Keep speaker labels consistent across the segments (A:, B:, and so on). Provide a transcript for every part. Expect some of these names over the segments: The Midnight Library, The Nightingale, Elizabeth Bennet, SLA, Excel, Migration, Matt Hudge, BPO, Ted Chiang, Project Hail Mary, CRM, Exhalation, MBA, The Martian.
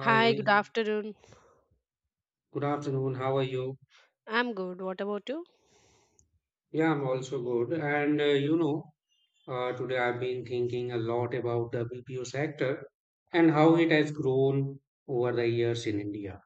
A: Hi, good afternoon.
B: good afternoon. How are you?
A: I'm good. What about you?
B: Yeah, I'm also good. Today I've been thinking a lot about the BPO sector and how it has grown over the years in India.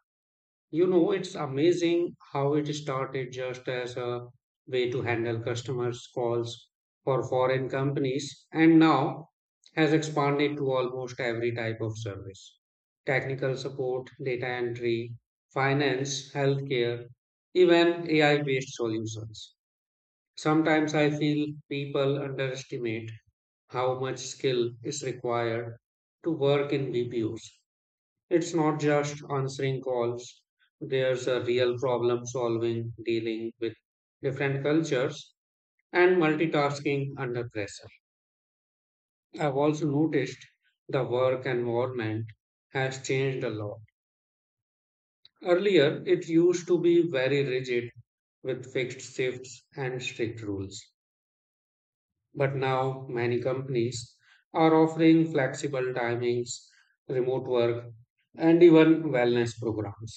B: It's amazing how it started just as a way to handle customers' calls for foreign companies and now has expanded to almost every type of service technical support, data entry, finance, healthcare, even AI based solutions. Sometimes I feel people underestimate how much skill is required to work in BPOs it's not just answering calls, there's a real problem solving, dealing with different cultures, and multitasking under pressure. I've also noticed the work environment has changed a lot. Earlier, it used to be very rigid with fixed shifts and strict rules. But now, many companies are offering flexible timings, remote work, and even wellness programs.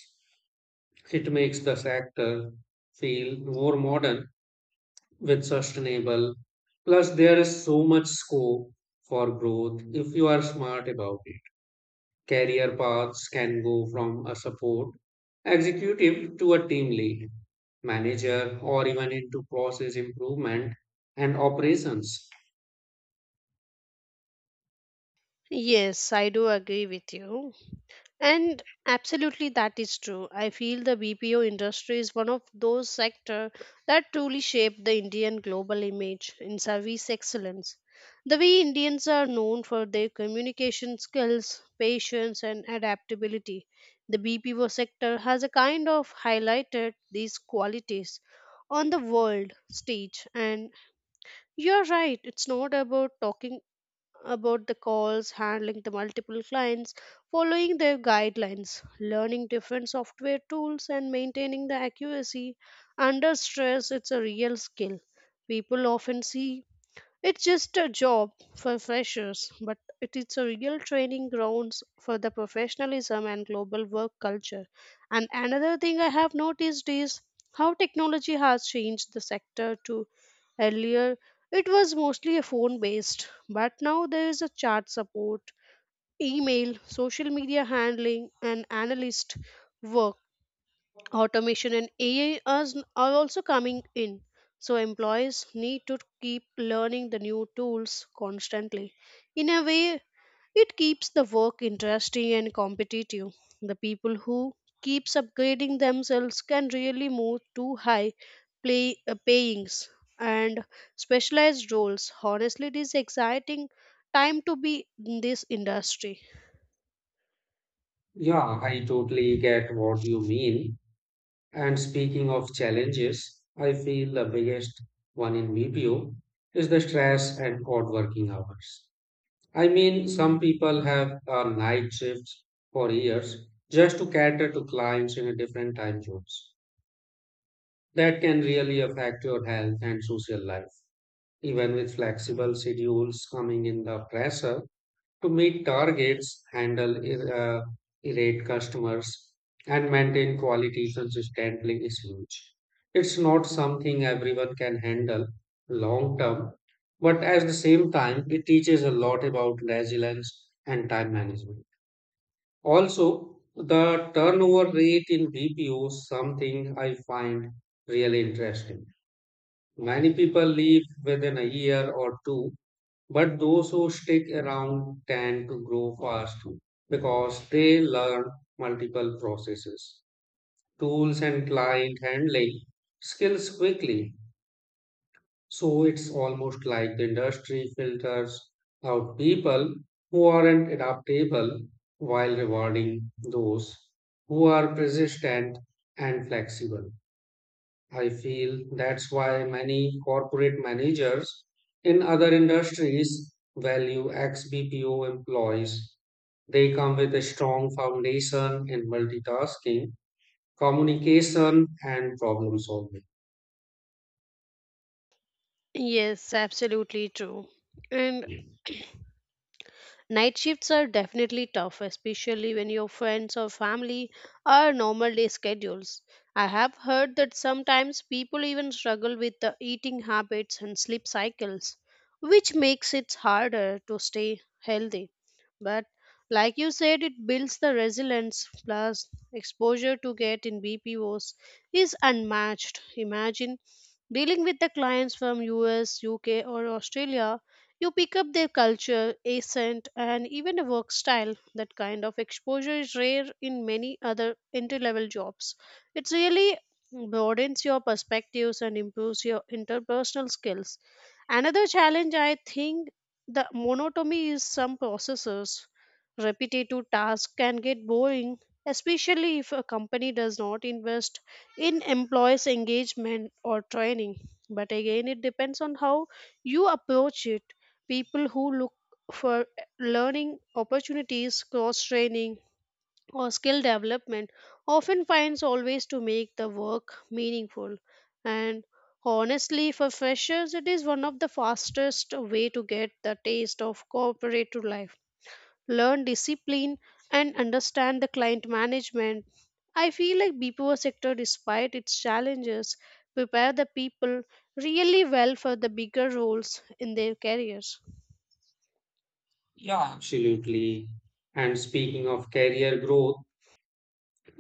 B: It makes the sector feel more modern with sustainable. Plus, there is so much scope for growth if you are smart about it. Career paths can go from a support executive to a team lead, manager, or even into process improvement and operations.
A: Yes, I do agree with you. And absolutely that is true. I feel the BPO industry is one of those sector that truly shaped the Indian global image in service excellence. The way Indians are known for their communication skills, patience and adaptability. The BPO sector has a kind of highlighted these qualities on the world stage and you're right. It's not about talking about the calls, handling the multiple clients, following their guidelines, learning different software tools, and maintaining the accuracy. Under stress, it's a real skill. People often see it's just a job for freshers, but it is a real training grounds for the professionalism and global work culture. And another thing I have noticed is how technology has changed the sector to earlier it was mostly a phone based, but now there is a chat support, email, social media handling and analyst work automation and ai are also coming in, so employees need to keep learning the new tools constantly. In a way, it keeps the work interesting and competitive. The people who keeps upgrading themselves can really move to high play payings and specialized roles. Honestly, it is exciting time to be in this industry.
B: Yeah, I totally get what you mean. And speaking of challenges, I feel the biggest one in BPO is the stress and odd working hours. I mean, some people have night shifts for years just to cater to clients in a different time zones. That can really affect your health and social life. Even with flexible schedules coming in the press, to meet targets, handle irate customers, and maintain quality consistently is huge. It's not something everyone can handle long term, but at the same time, it teaches a lot about resilience and time management. Also, the turnover rate in BPO is something I find really interesting. Many people leave within a year or two but those who stick around tend to grow fast because they learn multiple processes, tools, and client handling skills quickly. So it's almost like the industry filters out people who aren't adaptable while rewarding those who are persistent and flexible. I feel that's why many corporate managers in other industries value ex BPO employees. They come with a strong foundation in multitasking, communication, and problem solving.
A: Yes, absolutely true. And night shifts are definitely tough, especially when your friends or family are normal day schedules. I have heard that sometimes people even struggle with the eating habits and sleep cycles, which makes it harder to stay healthy. But like you said, it builds the resilience, plus, exposure to get in BPOs is unmatched. Imagine dealing with the clients from US, UK, or Australia. You pick up their culture, accent, and even a work style. That kind of exposure is rare in many other entry level jobs. It really broadens your perspectives and improves your interpersonal skills. Another challenge, I think, the monotony is some processes. Repetitive tasks can get boring, especially if a company does not invest in employees' engagement or training. But again, it depends on how you approach it. People who look for learning opportunities, cross training, or skill development often finds always to make the work meaningful. And honestly, for freshers, it is one of the fastest way to get the taste of corporate life, learn discipline, and understand the client management. I feel like BPO sector, despite its challenges, prepare the people really well for the bigger roles in their careers.
B: Yeah, absolutely. And speaking of career growth,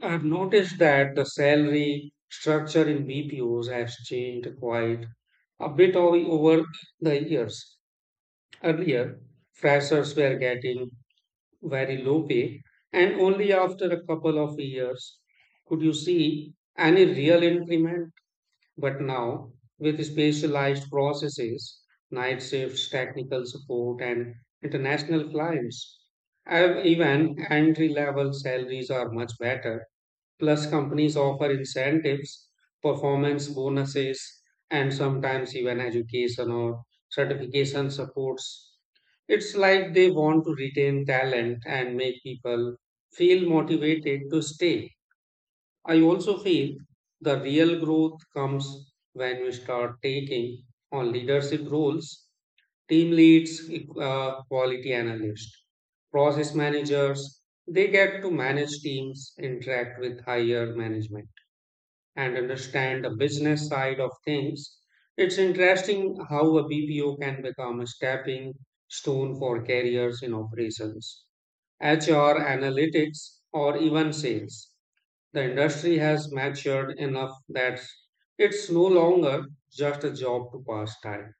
B: I've noticed that the salary structure in BPOs has changed quite a bit over the years. Earlier, freshers were getting very low pay, and only after a couple of years could you see any real increment. But now, with specialized processes, night shifts, technical support, and international clients, even entry level salaries are much better. Plus, companies offer incentives, performance bonuses, and sometimes even education or certification supports. It's like they want to retain talent and make people feel motivated to stay. I also feel the real growth comes when we start taking on leadership roles team leads, quality analysts, process managers, they get to manage teams, interact with higher management, and understand the business side of things. It's interesting how a BPO can become a stepping stone for careers in operations, HR analytics, or even sales. The industry has matured enough that it's no longer just a job to pass time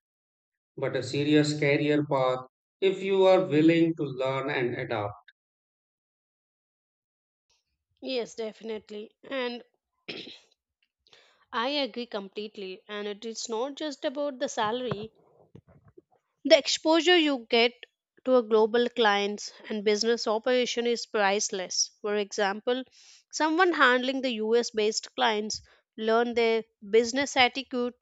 B: but a serious career path if you are willing to learn and adapt.
A: Yes, definitely. And I agree completely. And it is not just about the salary. The exposure you get to a global clients and business operation is priceless. For example, someone handling the US based clients learn their business attitude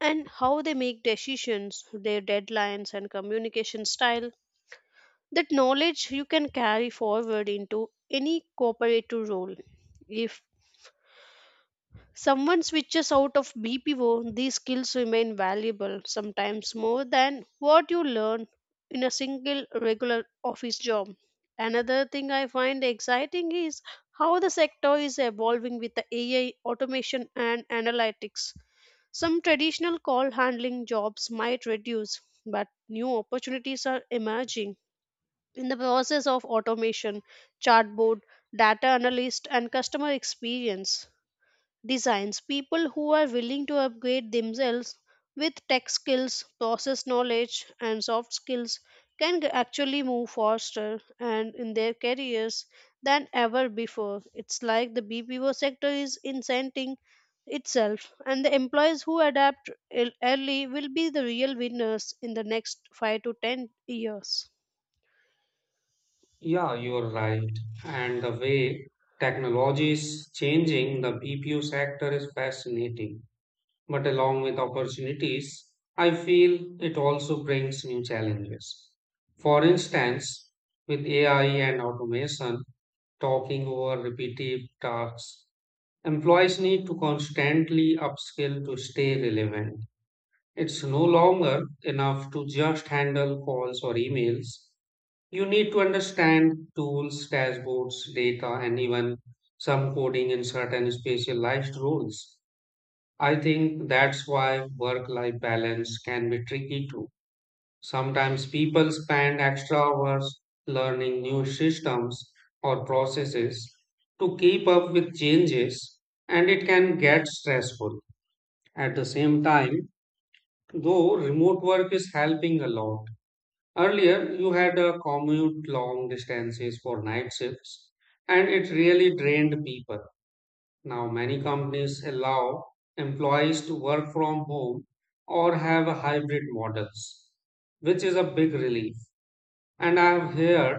A: and how they make decisions, their deadlines and communication style. That knowledge you can carry forward into any cooperative role. If someone switches out of BPO, these skills remain valuable, sometimes more than what you learn in a single regular office job. Another thing I find exciting is how the sector is evolving with the AI, automation, and analytics. Some traditional call handling jobs might reduce, but new opportunities are emerging. In the process of automation, chatbot, data analyst, and customer experience, designs people who are willing to upgrade themselves with tech skills, process knowledge and soft skills can actually move faster and in their careers than ever before. It's like the BPO sector is incenting itself, and the employees who adapt early will be the real winners in the next 5 to 10 years.
B: Yeah, you're right. And the way technology is changing the BPO sector is fascinating. But along with opportunities, I feel it also brings new challenges. For instance, with AI and automation talking over repetitive tasks, employees need to constantly upskill to stay relevant. It's no longer enough to just handle calls or emails. You need to understand tools, dashboards, data, and even some coding in certain specialized roles. I think that's why work life balance can be tricky too. Sometimes people spend extra hours learning new systems or processes to keep up with changes, and it can get stressful. At the same time, though remote work is helping a lot. Earlier, you had a commute long distances for night shifts, and it really drained people. Now, many companies allow employees to work from home or have a hybrid models, which is a big relief. And I've heard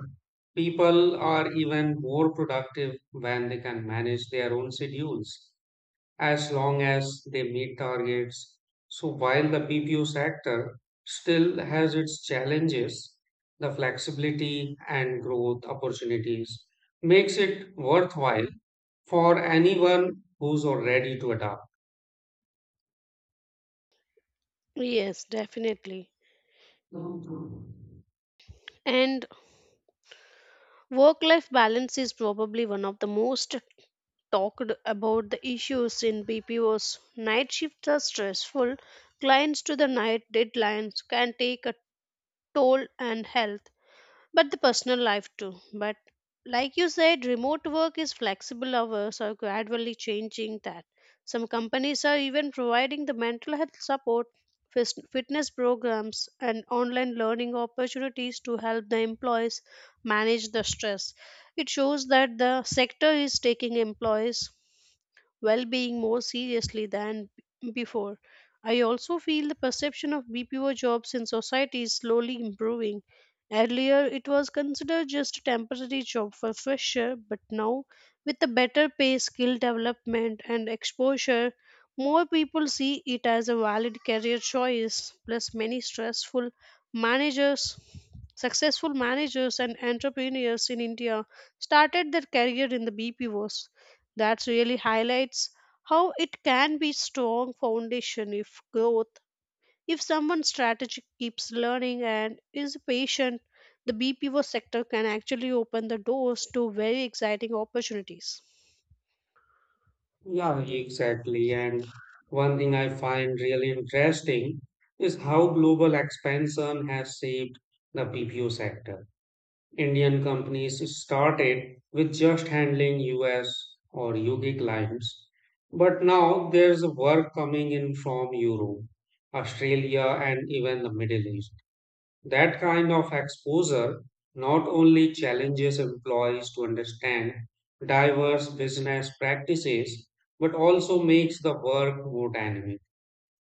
B: people are even more productive when they can manage their own schedules as long as they meet targets. So while the PPO sector still has its challenges, the flexibility and growth opportunities makes it worthwhile for anyone who's already to adapt.
A: Yes, definitely. And work life balance is probably one of the most talked about the issues in BPOs. Night shifts are stressful, clients to the night deadlines can take a toll and health, but the personal life too. But like you said, remote work is flexible hours are gradually changing that. Some companies are even providing the mental health support, fitness programs, and online learning opportunities to help the employees manage the stress. It shows that the sector is taking employees well being more seriously than before. I also feel the perception of BPO jobs in society is slowly improving. Earlier, it was considered just a temporary job for fresher, but now, with the better pay, skill development, and exposure, more people see it as a valid career choice. Plus, many stressful managers, successful managers, and entrepreneurs in India started their career in the BPOs. That really highlights how it can be strong foundation if growth. If someone strategic keeps learning and is patient, the BPO sector can actually open the doors to very exciting opportunities.
B: Yeah, exactly. And one thing I find really interesting is how global expansion has shaped the PPO sector. Indian companies started with just handling US or UK clients, but now there's work coming in from Europe, Australia, and even the Middle East. That kind of exposure not only challenges employees to understand diverse business practices, but also makes the work more dynamic.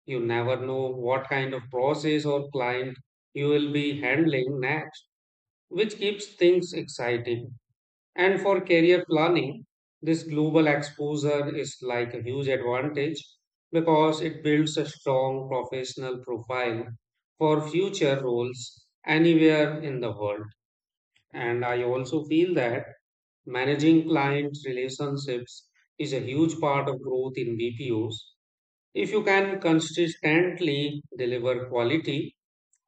B: You never know what kind of process or client you will be handling next which keeps things exciting. And for career planning, this global exposure is like a huge advantage because it builds a strong professional profile for future roles anywhere in the world. And I also feel that managing client relationships is a huge part of growth in BPOs. If you can consistently deliver quality,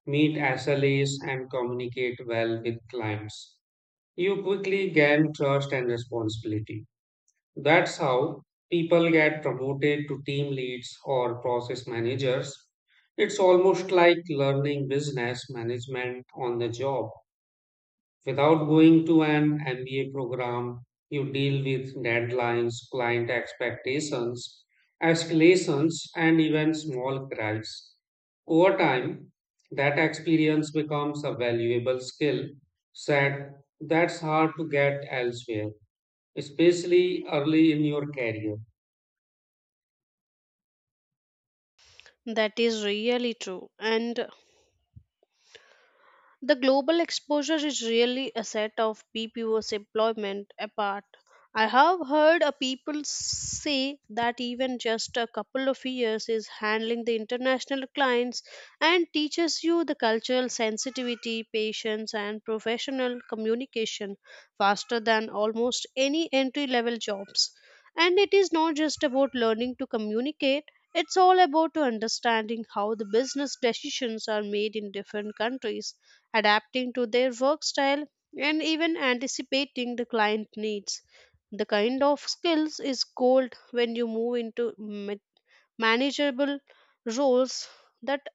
B: meet SLAs, and communicate well with clients you quickly gain trust and responsibility. That's how people get promoted to team leads or process managers. It's almost like learning business management on the job. Without going to an MBA program, you deal with deadlines, client expectations, escalations, and even small gripes. Over time, that experience becomes a valuable skill set that's hard to get elsewhere, especially early in your career.
A: That is really true. And the global exposure is really a set of BPO's employment apart. I have heard people say that even just a couple of years is handling the international clients and teaches you the cultural sensitivity, patience, and professional communication faster than almost any entry level jobs. And it is not just about learning to communicate, it's all about to understanding how the business decisions are made in different countries, adapting to their work style, and even anticipating the client needs. The kind of skills is gold when you move into manageable roles that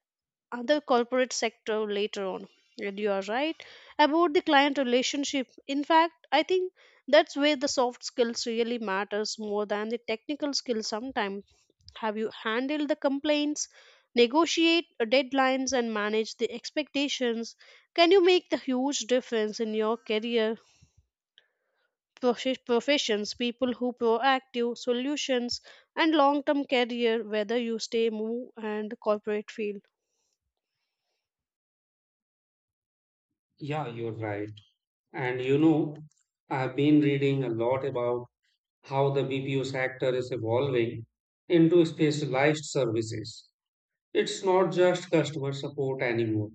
A: other corporate sector later on. And you are right about the client relationship. In fact, I think that's where the soft skills really matters more than the technical skills sometimes. Have you handled the complaints, negotiate deadlines, and manage the expectations? Can you make the huge difference in your career? Professions, people who proactive solutions and long-term career, whether you stay, move, and corporate field.
B: Yeah, you're right. And you know, I've been reading a lot about how the BPO sector is evolving into specialized services it's not just customer support anymore.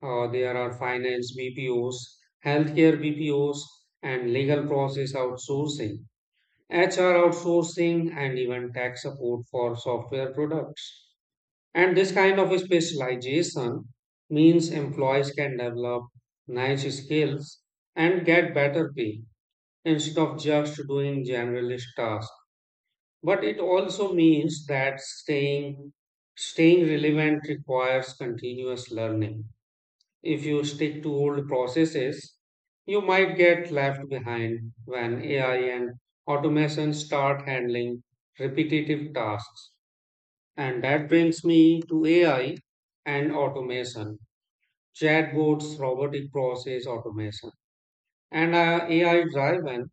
B: There are finance BPOs, healthcare BPOs, and legal process outsourcing, HR outsourcing, and even tax support for software products. And this kind of specialization means employees can develop niche skills and get better pay instead of just doing generalist tasks. But it also means that staying relevant requires continuous learning. If you stick to old processes, you might get left behind when AI and automation start handling repetitive tasks. And that brings me to AI and automation, chatbots, robotic process automation, and AI driven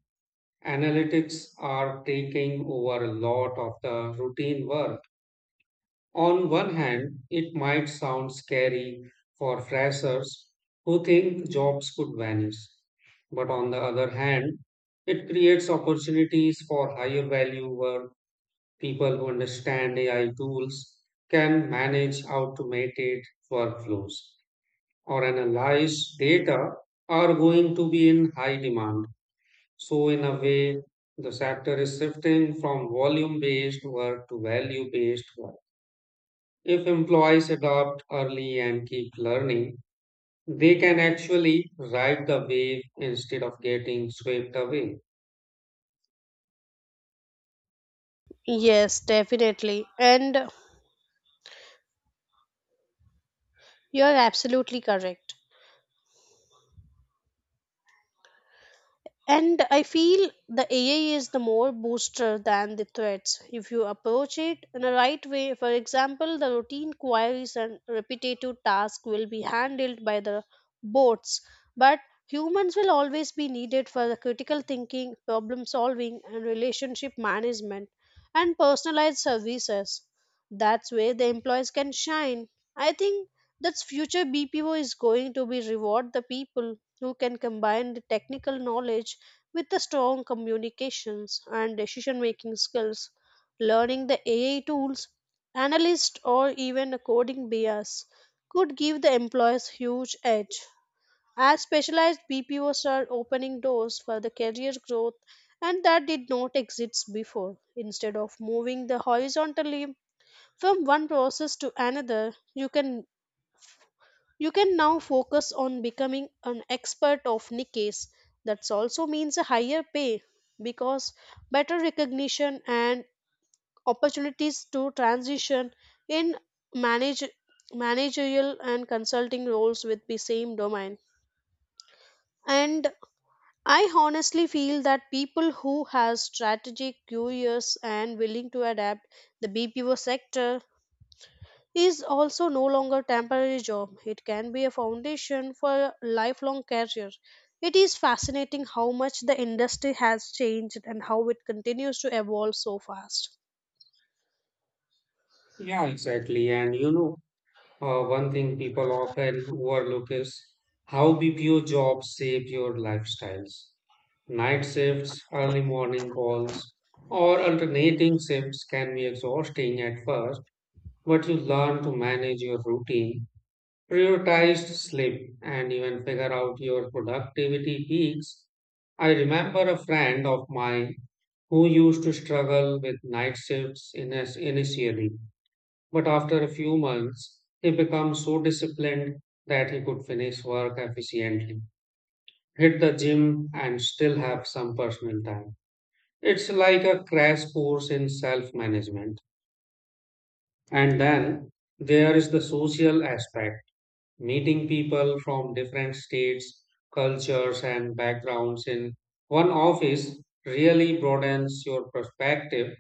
B: analytics are taking over a lot of the routine work. On one hand, it might sound scary for freshers who think jobs could vanish. But on the other hand, it creates opportunities for higher value work. People who understand AI tools can manage automated workflows or analyze data are going to be in high demand. So, in a way, the sector is shifting from volume based work to value based work. If employees adopt early and keep learning, they can actually ride the wave instead of getting swept away.
A: Yes, definitely. And you're absolutely correct. And I feel the AI is the more booster than the threats if you approach it in a right way. For example, the routine queries and repetitive tasks will be handled by the bots, but humans will always be needed for the critical thinking, problem solving, and relationship management and personalized services. That's where the employees can shine. I think that's future BPO is going to be reward the people who can combine the technical knowledge with the strong communications and decision making skills. Learning the AI tools, analyst or even a coding bias could give the employees huge edge. As specialized BPOs are opening doors for the career growth and that did not exist before. Instead of moving the horizontally from one process to another, you can now focus on becoming an expert of niches. That also means a higher pay because better recognition and opportunities to transition in manage, managerial and consulting roles with the same domain. And I honestly feel that people who have strategic, curious, and willing to adapt the BPO sector is also no longer temporary job. It can be a foundation for a lifelong career. It is fascinating how much the industry has changed and how it continues to evolve so fast.
B: Yeah, exactly. One thing people often overlook is how BPO jobs shape your lifestyles. Night shifts, early morning calls, or alternating shifts can be exhausting at first, but you learn to manage your routine prioritized sleep and even figure out your productivity peaks. I remember a friend of mine who used to struggle with night shifts initially, but after a few months, he became so disciplined that he could finish work efficiently, hit the gym, and still have some personal time. It's like a crash course in self management. And then there is the social aspect meeting people from different states, cultures, and backgrounds in one office really broadens your perspective.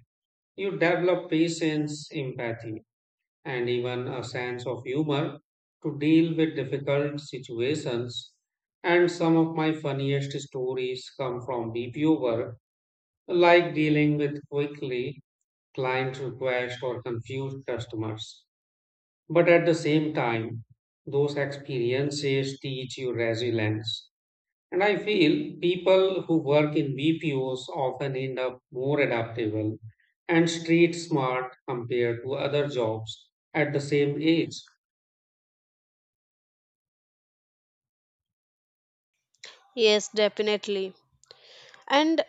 B: You develop patience, empathy, and even a sense of humor to deal with difficult situations. And some of my funniest stories come from BPO work, like dealing with quickly client requests or confused customers. But at the same time, those experiences teach you resilience. And I feel people who work in BPOs often end up more adaptable and street smart compared to other jobs at the same age.
A: Yes, definitely. And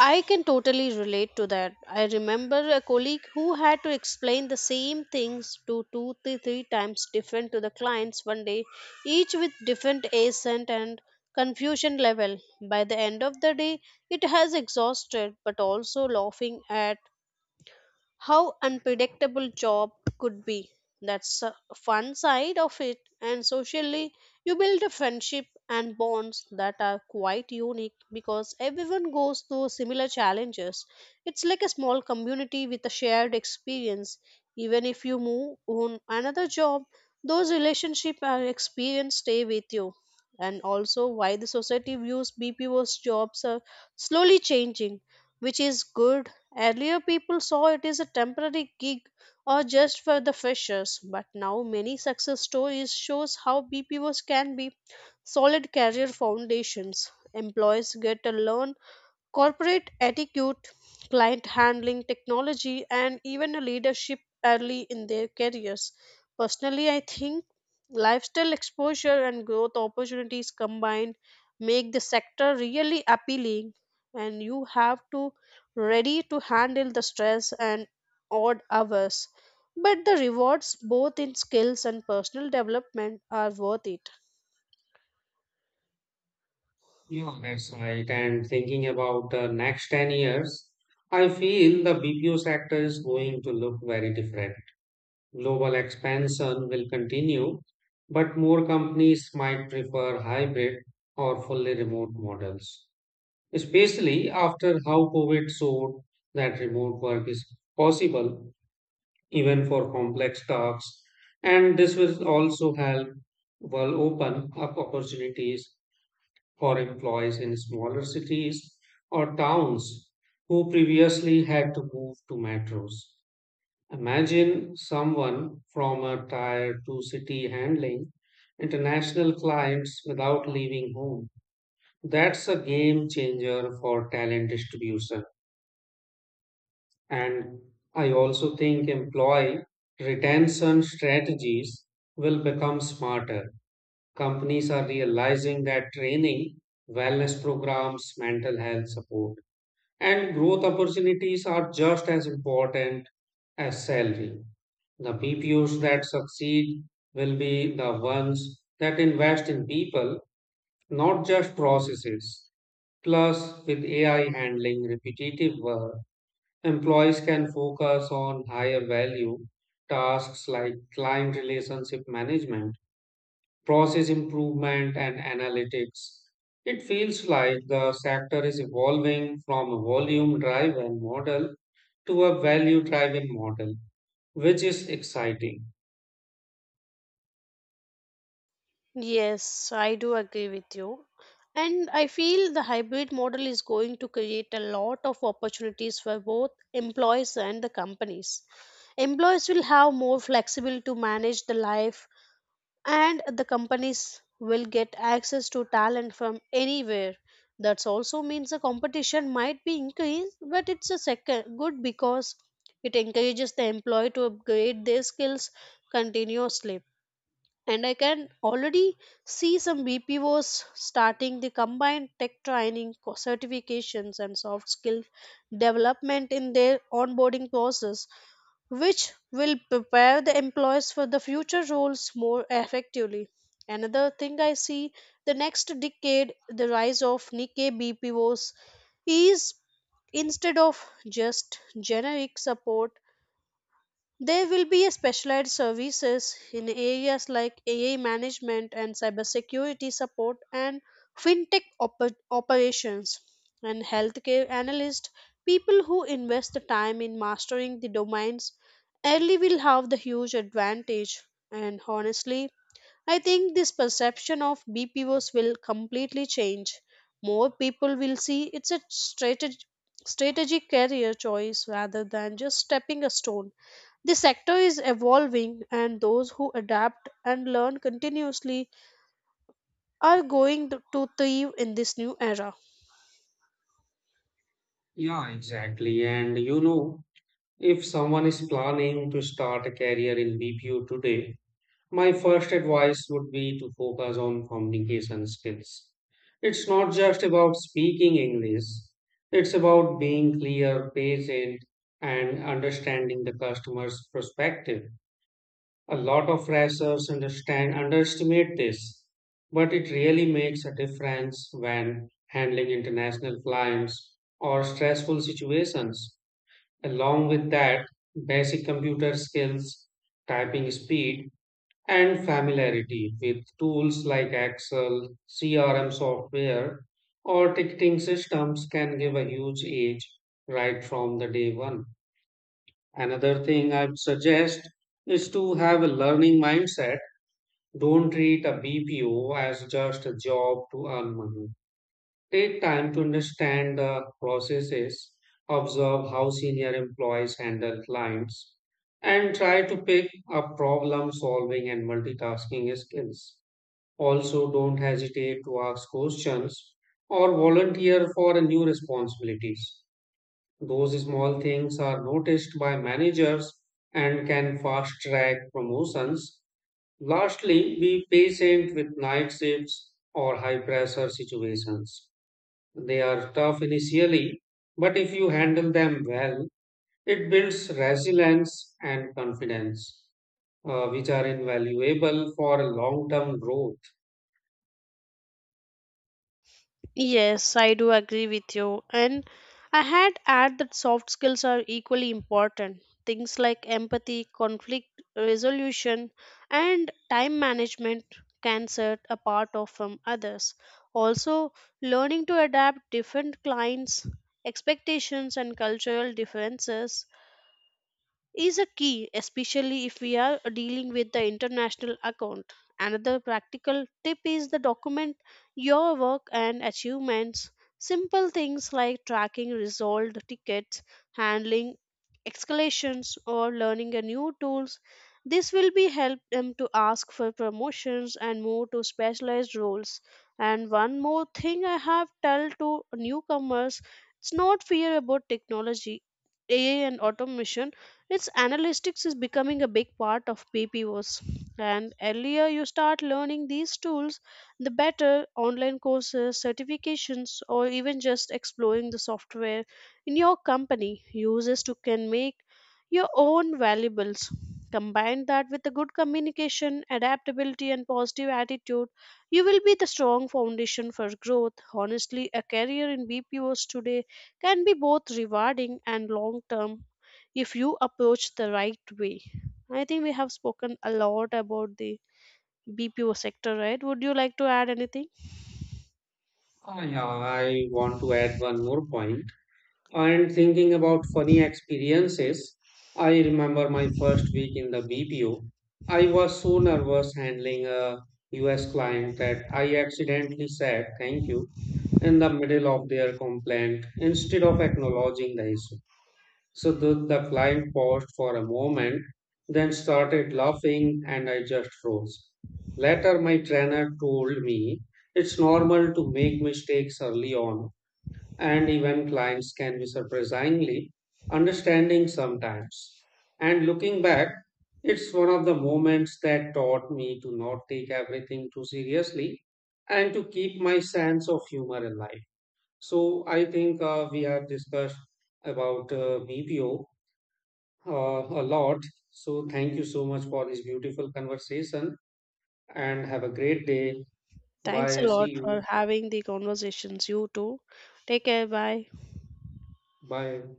A: I can totally relate to that. I remember a colleague who had to explain the same things to two, three, three times different to the clients one day, each with different accent and confusion level. By the end of the day, it has exhausted but also laughing at how unpredictable job could be. That's a fun side of it. And socially, you build a friendship and bonds that are quite unique because everyone goes through similar challenges. It's like a small community with a shared experience. Even if you move on another job, those relationship and experience stay with you. And also why the society views BPO's jobs are slowly changing, which is good. Earlier, people saw it as a temporary gig or just for the freshers, but now many success stories shows how BPOs can be solid career foundations. Employees get to learn corporate etiquette, client handling, technology, and even a leadership early in their careers. Personally, I think lifestyle exposure and growth opportunities combined make the sector really appealing, and you have to ready to handle the stress and odd hours. But the rewards, both in skills and personal development, are worth it.
B: Yeah, that's right. And thinking about the next 10 years, I feel the BPO sector is going to look very different. Global expansion will continue, but more companies might prefer hybrid or fully remote models, especially after how COVID showed that remote work is possible even for complex tasks. And this will also help will open up opportunities for employees in smaller cities or towns who previously had to move to metros. Imagine someone from a tier 2 city handling international clients without leaving home. That's a game changer for talent distribution. And I also think employee retention strategies will become smarter. Companies are realizing that training, wellness programs, mental health support, and growth opportunities are just as important as salary. The BPOs that succeed will be the ones that invest in people, not just processes. Plus, with AI handling repetitive work, employees can focus on higher value tasks like client relationship management, process improvement, and analytics. It feels like the sector is evolving from a volume driven model to a value driven model, which is exciting.
A: Yes, I do agree with you. And I feel the hybrid model is going to create a lot of opportunities for both employees and the companies. Employees will have more flexible to manage the life and the companies will get access to talent from anywhere. That also means the competition might be increased, but it's a second good because it encourages the employee to upgrade their skills continuously. And I can already see some BPOs starting the combined tech training, certifications and soft skill development in their onboarding process, which will prepare the employees for the future roles more effectively. Another thing I see the next decade, the rise of Nikkei BPOs is instead of just generic support there will be a specialized services in areas like AI management and cybersecurity support and fintech operations and healthcare analysts. People who invest the time in mastering the domains early will have the huge advantage. And honestly, I think this perception of BPOs will completely change. More people will see it's a strategic career choice rather than just stepping a stone. The sector is evolving and those who adapt and learn continuously are going to thrive in this new era.
B: Yeah, exactly. If someone is planning to start a career in BPO today, my first advice would be to focus on communication skills. It's not just about speaking English, it's about being clear, patient, and understanding the customer's perspective. A lot of racers understand underestimate this, but it really makes a difference when handling international clients or stressful situations. Along with that, basic computer skills, typing speed, and familiarity with tools like Excel, CRM software, or ticketing systems can give a huge edge right from the day one. Another thing I would suggest is to have a learning mindset don't treat a BPO as just a job to earn money. Take time to understand the processes, observe how senior employees handle clients, and try to pick up problem solving and multitasking skills. Also, don't hesitate to ask questions or volunteer for new responsibilities. Those small things are noticed by managers and can fast track promotions Lastly, be patient with night shifts or high pressure situations. They are tough initially, but if you handle them well, it builds resilience and confidence, which are invaluable for long term growth.
A: Yes, I do agree with you. And I had add that soft skills are equally important. Things like empathy, conflict resolution, and time management can set apart of from others. Also, learning to adapt different clients' expectations and cultural differences is a key, especially if we are dealing with the international account. Another practical tip is the document your work and achievements. Simple things like tracking resolved tickets, handling escalations, or learning a new tools. This will be help them to ask for promotions and move to specialized roles. And one more thing I have tell to newcomers, it's not fear about technology, AI and automation its analytics is becoming a big part of PPOs. And earlier you start learning these tools, the better online courses, certifications, or even just exploring the software in your company uses to can make your own valuables. Combine that with a good communication, adaptability, and positive attitude, you will be the strong foundation for growth. Honestly, a career in BPOs today can be both rewarding and long term if you approach the right way. I think we have spoken a lot about the BPO sector, right? Would you like to add anything?
B: Ah, yeah, I want to add one more point. And thinking about funny experiences, I remember my first week in the BPO. I was so nervous handling a US client that I accidentally said thank you in the middle of their complaint instead of acknowledging the issue. So the client paused for a moment, then started laughing, and I just froze. Later, my trainer told me it's normal to make mistakes early on and even clients can be surprisingly understanding sometimes. And looking back, it's one of the moments that taught me to not take everything too seriously and to keep my sense of humor alive. So I think we have discussed about BPO a lot. So thank you so much for this beautiful conversation and have a great day.
A: Thanks
B: Bye.
A: a
B: See
A: lot
B: you.
A: for having the conversations. You too. Take care. Bye.
B: Bye.